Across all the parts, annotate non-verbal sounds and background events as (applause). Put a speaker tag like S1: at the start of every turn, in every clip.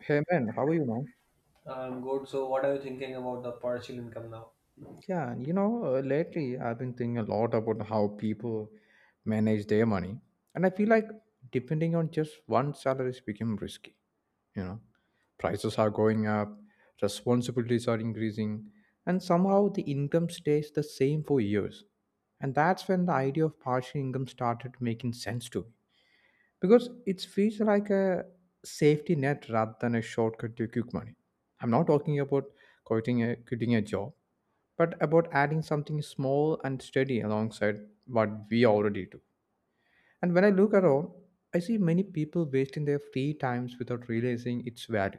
S1: Hey man, how are you now?
S2: I'm good. So, what are you thinking about the partial income now?
S1: Lately I've been thinking a lot about how people manage their money, and I feel like depending on just one salary is become risky. You know, Prices are going up, responsibilities are increasing, and somehow the income stays the same for years. And that's when the idea of partial income started making sense to me because it feels like a safety net rather than a shortcut to quick money. I'm not talking about quitting a job, but about adding something small and steady alongside what we already do. And when I look around, I see many people wasting their free times without realizing its value.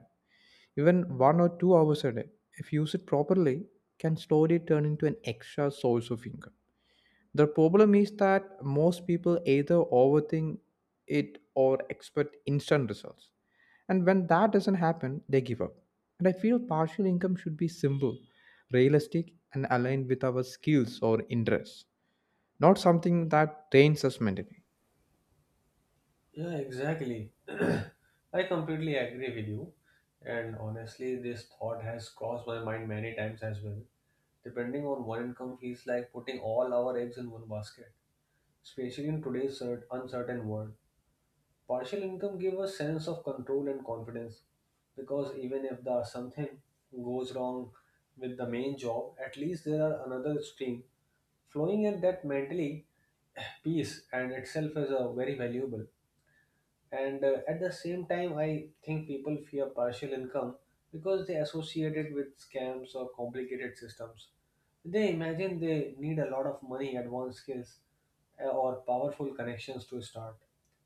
S1: Even 1 or 2 hours a day, if used properly, can slowly turn into an extra source of income. The problem is that most people either overthink it or expect instant results. And when that doesn't happen, they give up. And I feel partial income should be simple, realistic, and aligned with our skills or interests, not something that drains us mentally.
S2: Yeah, exactly. (clears throat) I completely agree with you. And honestly, this thought has crossed my mind many times as well. Depending on one income feels like putting all our eggs in one basket, especially in today's uncertain world. Partial income gives a sense of control and confidence because even if the something goes wrong with the main job, at least there are another stream flowing in that mentally (sighs) peace and itself is a very valuable and at the same time I think people fear partial income because they associate it with scams or complicated systems. They imagine they need a lot of money, advanced skills, or powerful connections to start.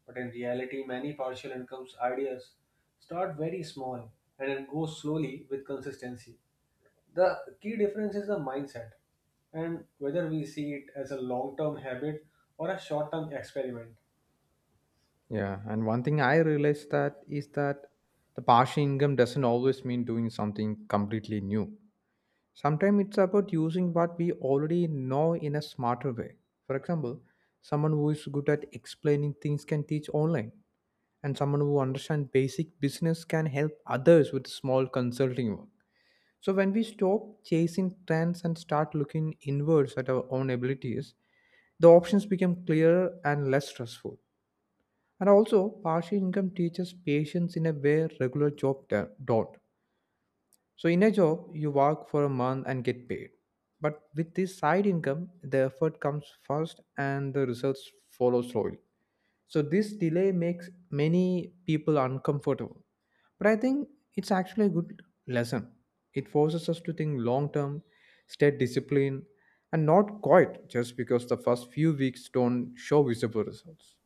S2: But in reality, many partial incomes ideas start very small and then go slowly with consistency. The key difference is the mindset and whether we see it as a long term habit or a short term experiment.
S1: Yeah, and one thing I realized that is that the partial income doesn't always mean doing something completely new. Sometimes it's about using what we already know in a smarter way. For example, someone who is good at explaining things can teach online, and someone who understands basic business can help others with small consulting work. So when we stop chasing trends and start looking inwards at our own abilities, the options become clearer and less stressful. And also, partial income teaches patience in a way regular job don't. So in a job, you work for a month and get paid. But with this side income, the effort comes first and the results follow slowly. So this delay makes many people uncomfortable. But I think it's actually a good lesson. It forces us to think long term, stay disciplined, and not quit just because the first few weeks don't show visible results.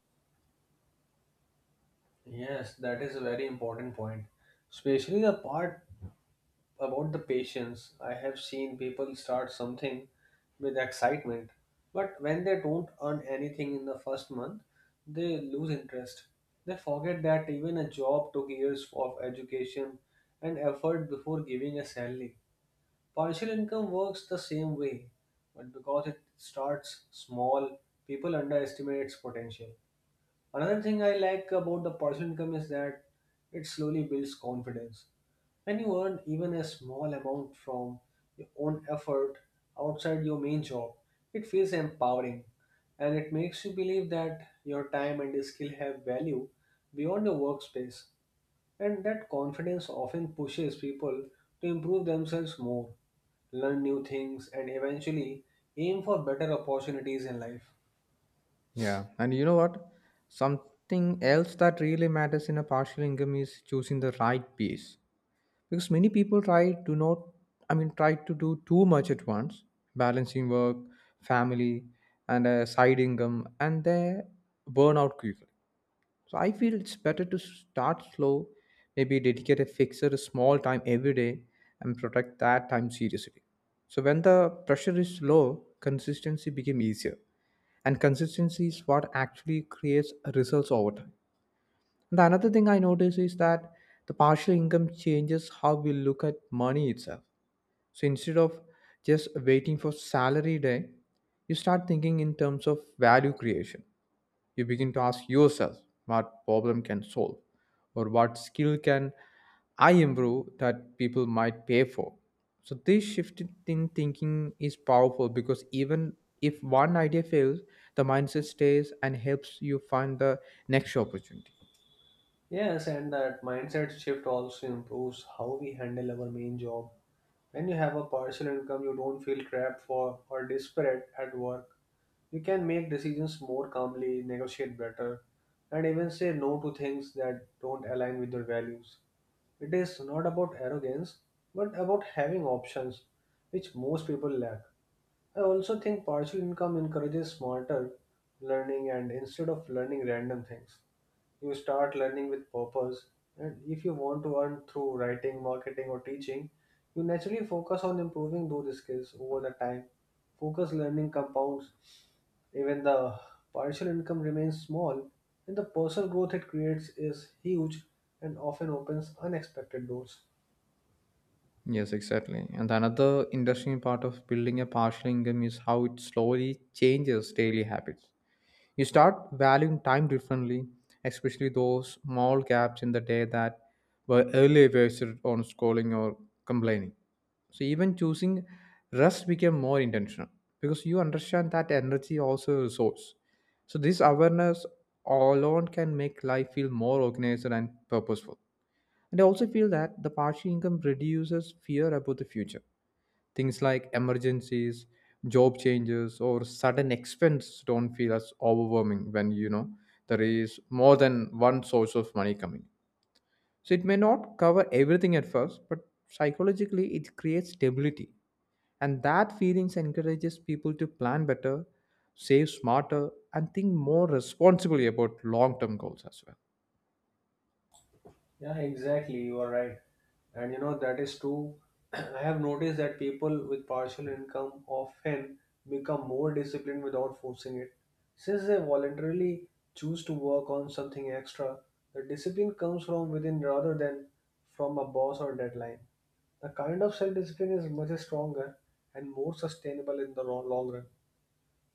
S2: Yes, that is a very important point. Especially the part about the patience. I have seen people start something with excitement, but when they don't earn anything in the first month, they lose interest. They forget that even a job took years of education and effort before giving a salary. Partial income works the same way, but because it starts small, people underestimate its potential. Another thing I like about the personal income is that it slowly builds confidence. When you earn even a small amount from your own effort outside your main job, it feels empowering and it makes you believe that your time and skill have value beyond your workspace. And that confidence often pushes people to improve themselves more, learn new things, and eventually aim for better opportunities in life.
S1: Yeah, and you know what? Something else that really matters in a partial income is choosing the right piece, because many people try to not I mean, try to do too much at once, balancing work, family, and a side income, and they burn out quickly. So I feel it's better to start slow, maybe dedicate a small time every day and protect that time seriously. So when the pressure is low, consistency became easier, and consistency is what actually creates results over time. The another thing I notice is that the partial income changes how we look at money itself. So instead of just waiting for salary day, you start thinking in terms of value creation. You begin to ask yourself what problem can solve or what skill can I improve that people might pay for. So this shift in thinking is powerful because even if one idea fails, the mindset stays and helps you find the next opportunity.
S2: Yes, and that mindset shift also improves how we handle our main job. When you have a partial income, you don't feel trapped for or desperate at work. You can make decisions more calmly, negotiate better, and even say no to things that don't align with your values. It is not about arrogance, but about having options, which most people lack. I also think partial income encourages smarter learning, and instead of learning random things, you start learning with purpose. And if you want to earn through writing, marketing, or teaching, you naturally focus on improving those skills over the time. Focus learning compounds. Even the partial income remains small, and the personal growth it creates is huge and often opens unexpected doors.
S1: Yes, exactly. And another interesting part of building a partial income is how it slowly changes daily habits. You start valuing time differently, especially those small gaps in the day that were earlier wasted on scrolling or complaining. So even choosing rest became more intentional because you understand that energy also a resource. So this awareness alone can make life feel more organized and purposeful. And I also feel that the partial income reduces fear about the future. Things like emergencies, job changes, or sudden expense don't feel as overwhelming when you know there is more than one source of money coming. So it may not cover everything at first, but psychologically it creates stability. And that feelings encourages people to plan better, save smarter, and think more responsibly about long-term goals as well.
S2: Yeah, exactly. You are right. And you know, that is true. (clears throat) I have noticed that people with partial income often become more disciplined without forcing it. Since they voluntarily choose to work on something extra, the discipline comes from within rather than from a boss or deadline. The kind of self discipline is much stronger and more sustainable in the long run.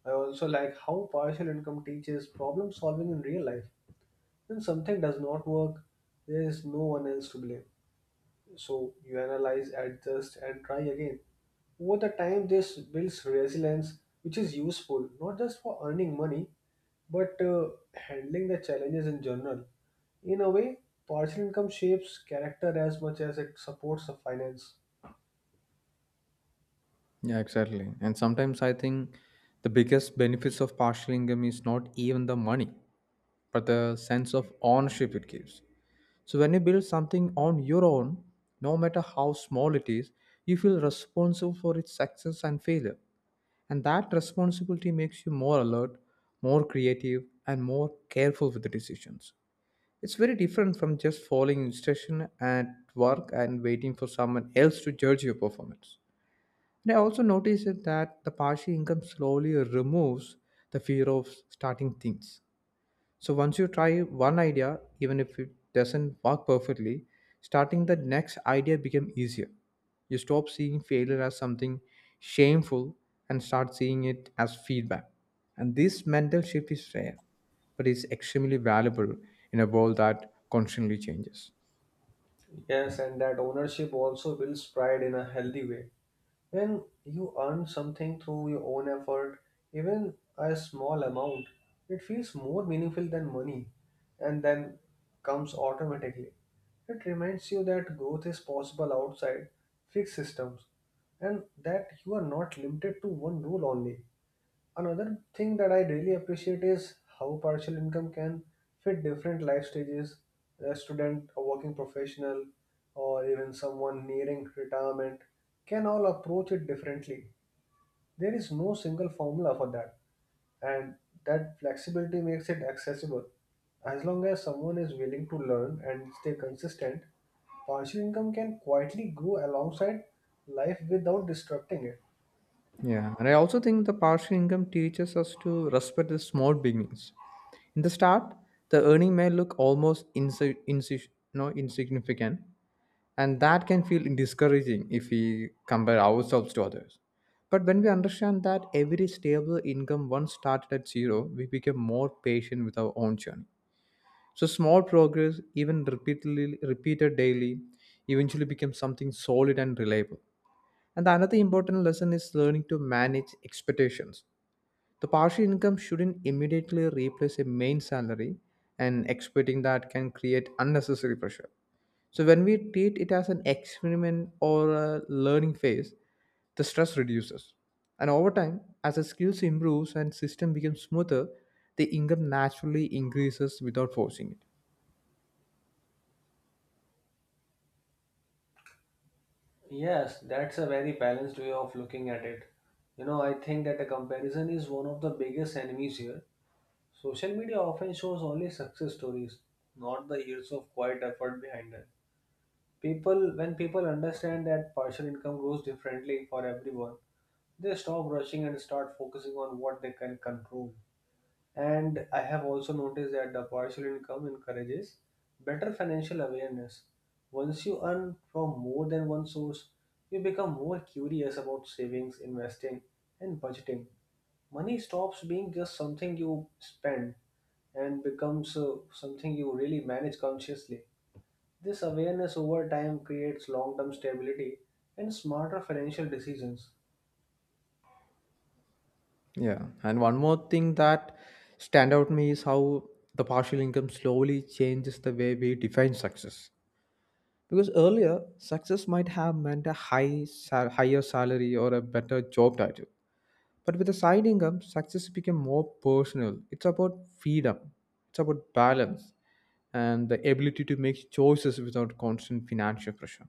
S2: I also like how partial income teaches problem solving in real life. When something does not work, there is no one else to blame. So you analyze, adjust, and try again. Over the time, this builds resilience, which is useful not just for earning money, but handling the challenges in general. In a way, partial income shapes character as much as it supports the finance.
S1: Yeah, exactly. And sometimes I think the biggest benefits of partial income is not even the money, but the sense of ownership it gives. So when you build something on your own, no matter how small it is, you feel responsible for its success and failure. And that responsibility makes you more alert, more creative, and more careful with the decisions. It's very different from just following instruction at work and waiting for someone else to judge your performance. And I also noticed that the passive income slowly removes the fear of starting things. So once you try one idea, even if it doesn't work perfectly, starting the next idea become easier. You stop seeing failure as something shameful and start seeing it as feedback. And this mental shift is rare, but it's extremely valuable in a world that constantly changes.
S2: Yes, and that ownership also builds pride in a healthy way. When you earn something through your own effort, even a small amount, it feels more meaningful than money, and then comes automatically. It reminds you that growth is possible outside fixed systems, and that you are not limited to one rule only. Another thing that I really appreciate is how partial income can fit different life stages. A student, a working professional, or even someone nearing retirement can all approach it differently. There is no single formula for that, and that flexibility makes it accessible. As long as someone is willing to learn and stay consistent, partial income can quietly grow alongside life without disrupting it.
S1: Yeah, and I also think the partial income teaches us to respect the small beginnings. In the start, the earning may look almost insi- insi- no, insignificant, and that can feel discouraging if we compare ourselves to others. But when we understand that every stable income once started at zero, we become more patient with our own journey. So small progress, even repeatedly repeated daily, eventually becomes something solid and reliable. And the another important lesson is learning to manage expectations. The partial income shouldn't immediately replace a main salary, and expecting that can create unnecessary pressure. So, when we treat it as an experiment or a learning phase, the stress reduces. And over time, as the skills improves and system becomes smoother, the income naturally increases without forcing it.
S2: Yes, that's a very balanced way of looking at it. You know, I think that a comparison is one of the biggest enemies here. Social media often shows only success stories, not the years of quiet effort behind them. People, when people understand that partial income grows differently for everyone, they stop rushing and start focusing on what they can control. And I have also noticed that the partial income encourages better financial awareness. Once you earn from more than one source, you become more curious about savings, investing, and budgeting. Money stops being just something you spend and becomes something you really manage consciously. This awareness over time creates long term stability and smarter financial decisions.
S1: Yeah, and one more thing that stand out to me is how the partial income slowly changes the way we define success. Because earlier, success might have meant a higher salary or a better job title. But with the side income, success became more personal. It's about freedom, it's about balance, and the ability to make choices without constant financial pressure.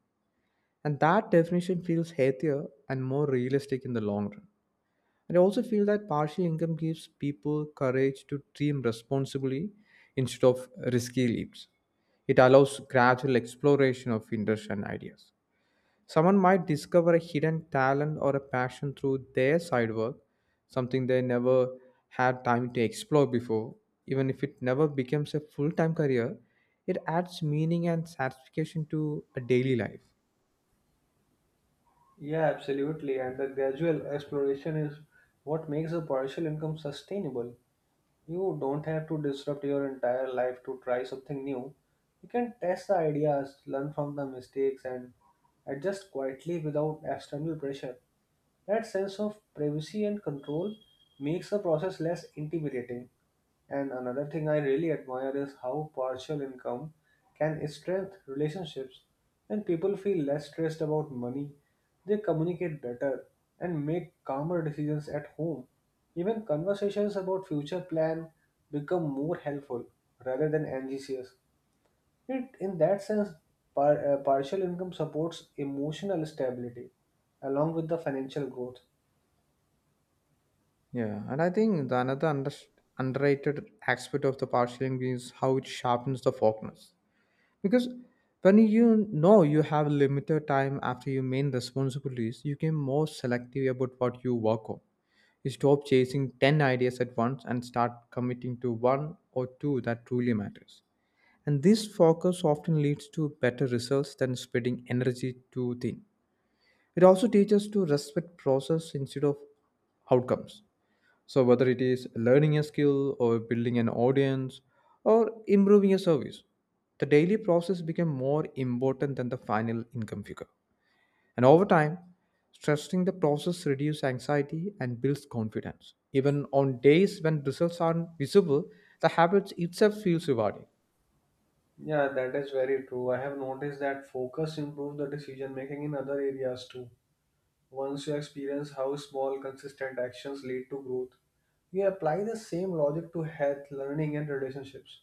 S1: And that definition feels healthier and more realistic in the long run. And I also feel that partial income gives people courage to dream responsibly instead of risky leaps. It allows gradual exploration of interests and ideas. Someone might discover a hidden talent or a passion through their side work, something they never had time to explore before. Even if it never becomes a full time career, it adds meaning and satisfaction to a daily life.
S2: Yeah, absolutely. And the gradual exploration is what makes a partial income sustainable. You don't have to disrupt your entire life to try something new. You can test the ideas, learn from the mistakes, and adjust quietly without external pressure. That sense of privacy and control makes the process less intimidating. And another thing I really admire is how partial income can strengthen relationships. When people feel less stressed about money, they communicate better and make calmer decisions at home. Even conversations about future plan become more helpful rather than anxious. It, in that sense, partial income supports emotional stability along with the financial growth.
S1: Yeah, and I think the another underrated aspect of the partial is how it sharpens the focus. Because when you know you have limited time after your main responsibilities, you become more selective about what you work on. You stop chasing 10 ideas at once and start committing to one or two that truly matters. And this focus often leads to better results than spreading energy too thin. It also teaches us to respect process instead of outcomes. So, whether it is learning a skill or building an audience or improving a service, the daily process became more important than the final income figure. And over time, stressing the process reduces anxiety and builds confidence. Even on days when results aren't visible, the habit itself feels rewarding.
S2: Yeah, that is very true. I have noticed that focus improves the decision making in other areas too. Once you experience how small, consistent actions lead to growth, you apply the same logic to health, learning, and relationships.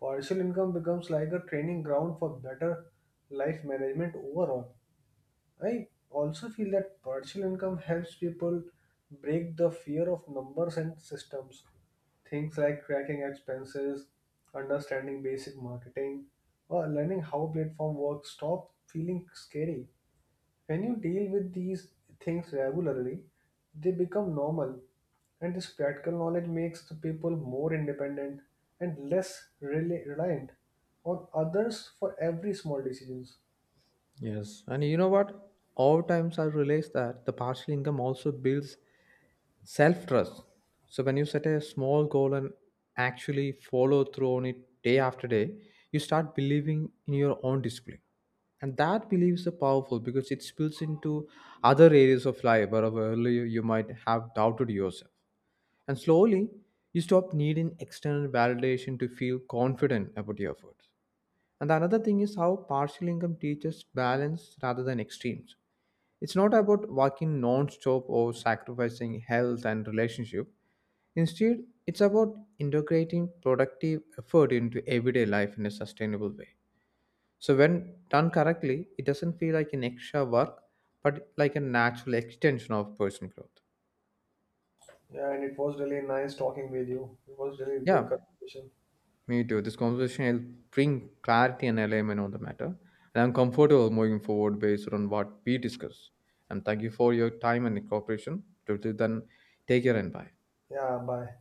S2: Partial income becomes like a training ground for better life management overall. I also feel that partial income helps people break the fear of numbers and systems. Things like tracking expenses, understanding basic marketing, or learning how platform works stop feeling scary. When you deal with these things regularly, they become normal, and this practical knowledge makes the people more independent and less reliant on others for every small decisions.
S1: Yes. And you know what? Over time, I realized that the partial income also builds self trust. So, when you set a small goal and actually follow through on it day after day, you start believing in your own discipline. And that belief is so powerful because it spills into other areas of life where earlier you might have doubted yourself. And slowly, you stop needing external validation to feel confident about your efforts. And the another thing is how partial income teaches balance rather than extremes. It's not about working non-stop or sacrificing health and relationship. Instead, it's about integrating productive effort into everyday life in a sustainable way. So, when done correctly, it doesn't feel like an extra work, but like a natural extension of personal growth.
S2: Yeah, and it was really nice talking with you. It was really good
S1: Yeah,
S2: conversation.
S1: me too. This conversation will bring clarity and alignment on the matter, and I'm comfortable moving forward based on what we discuss. And thank you for your time and cooperation. Till then, take care and bye.
S2: Yeah, bye.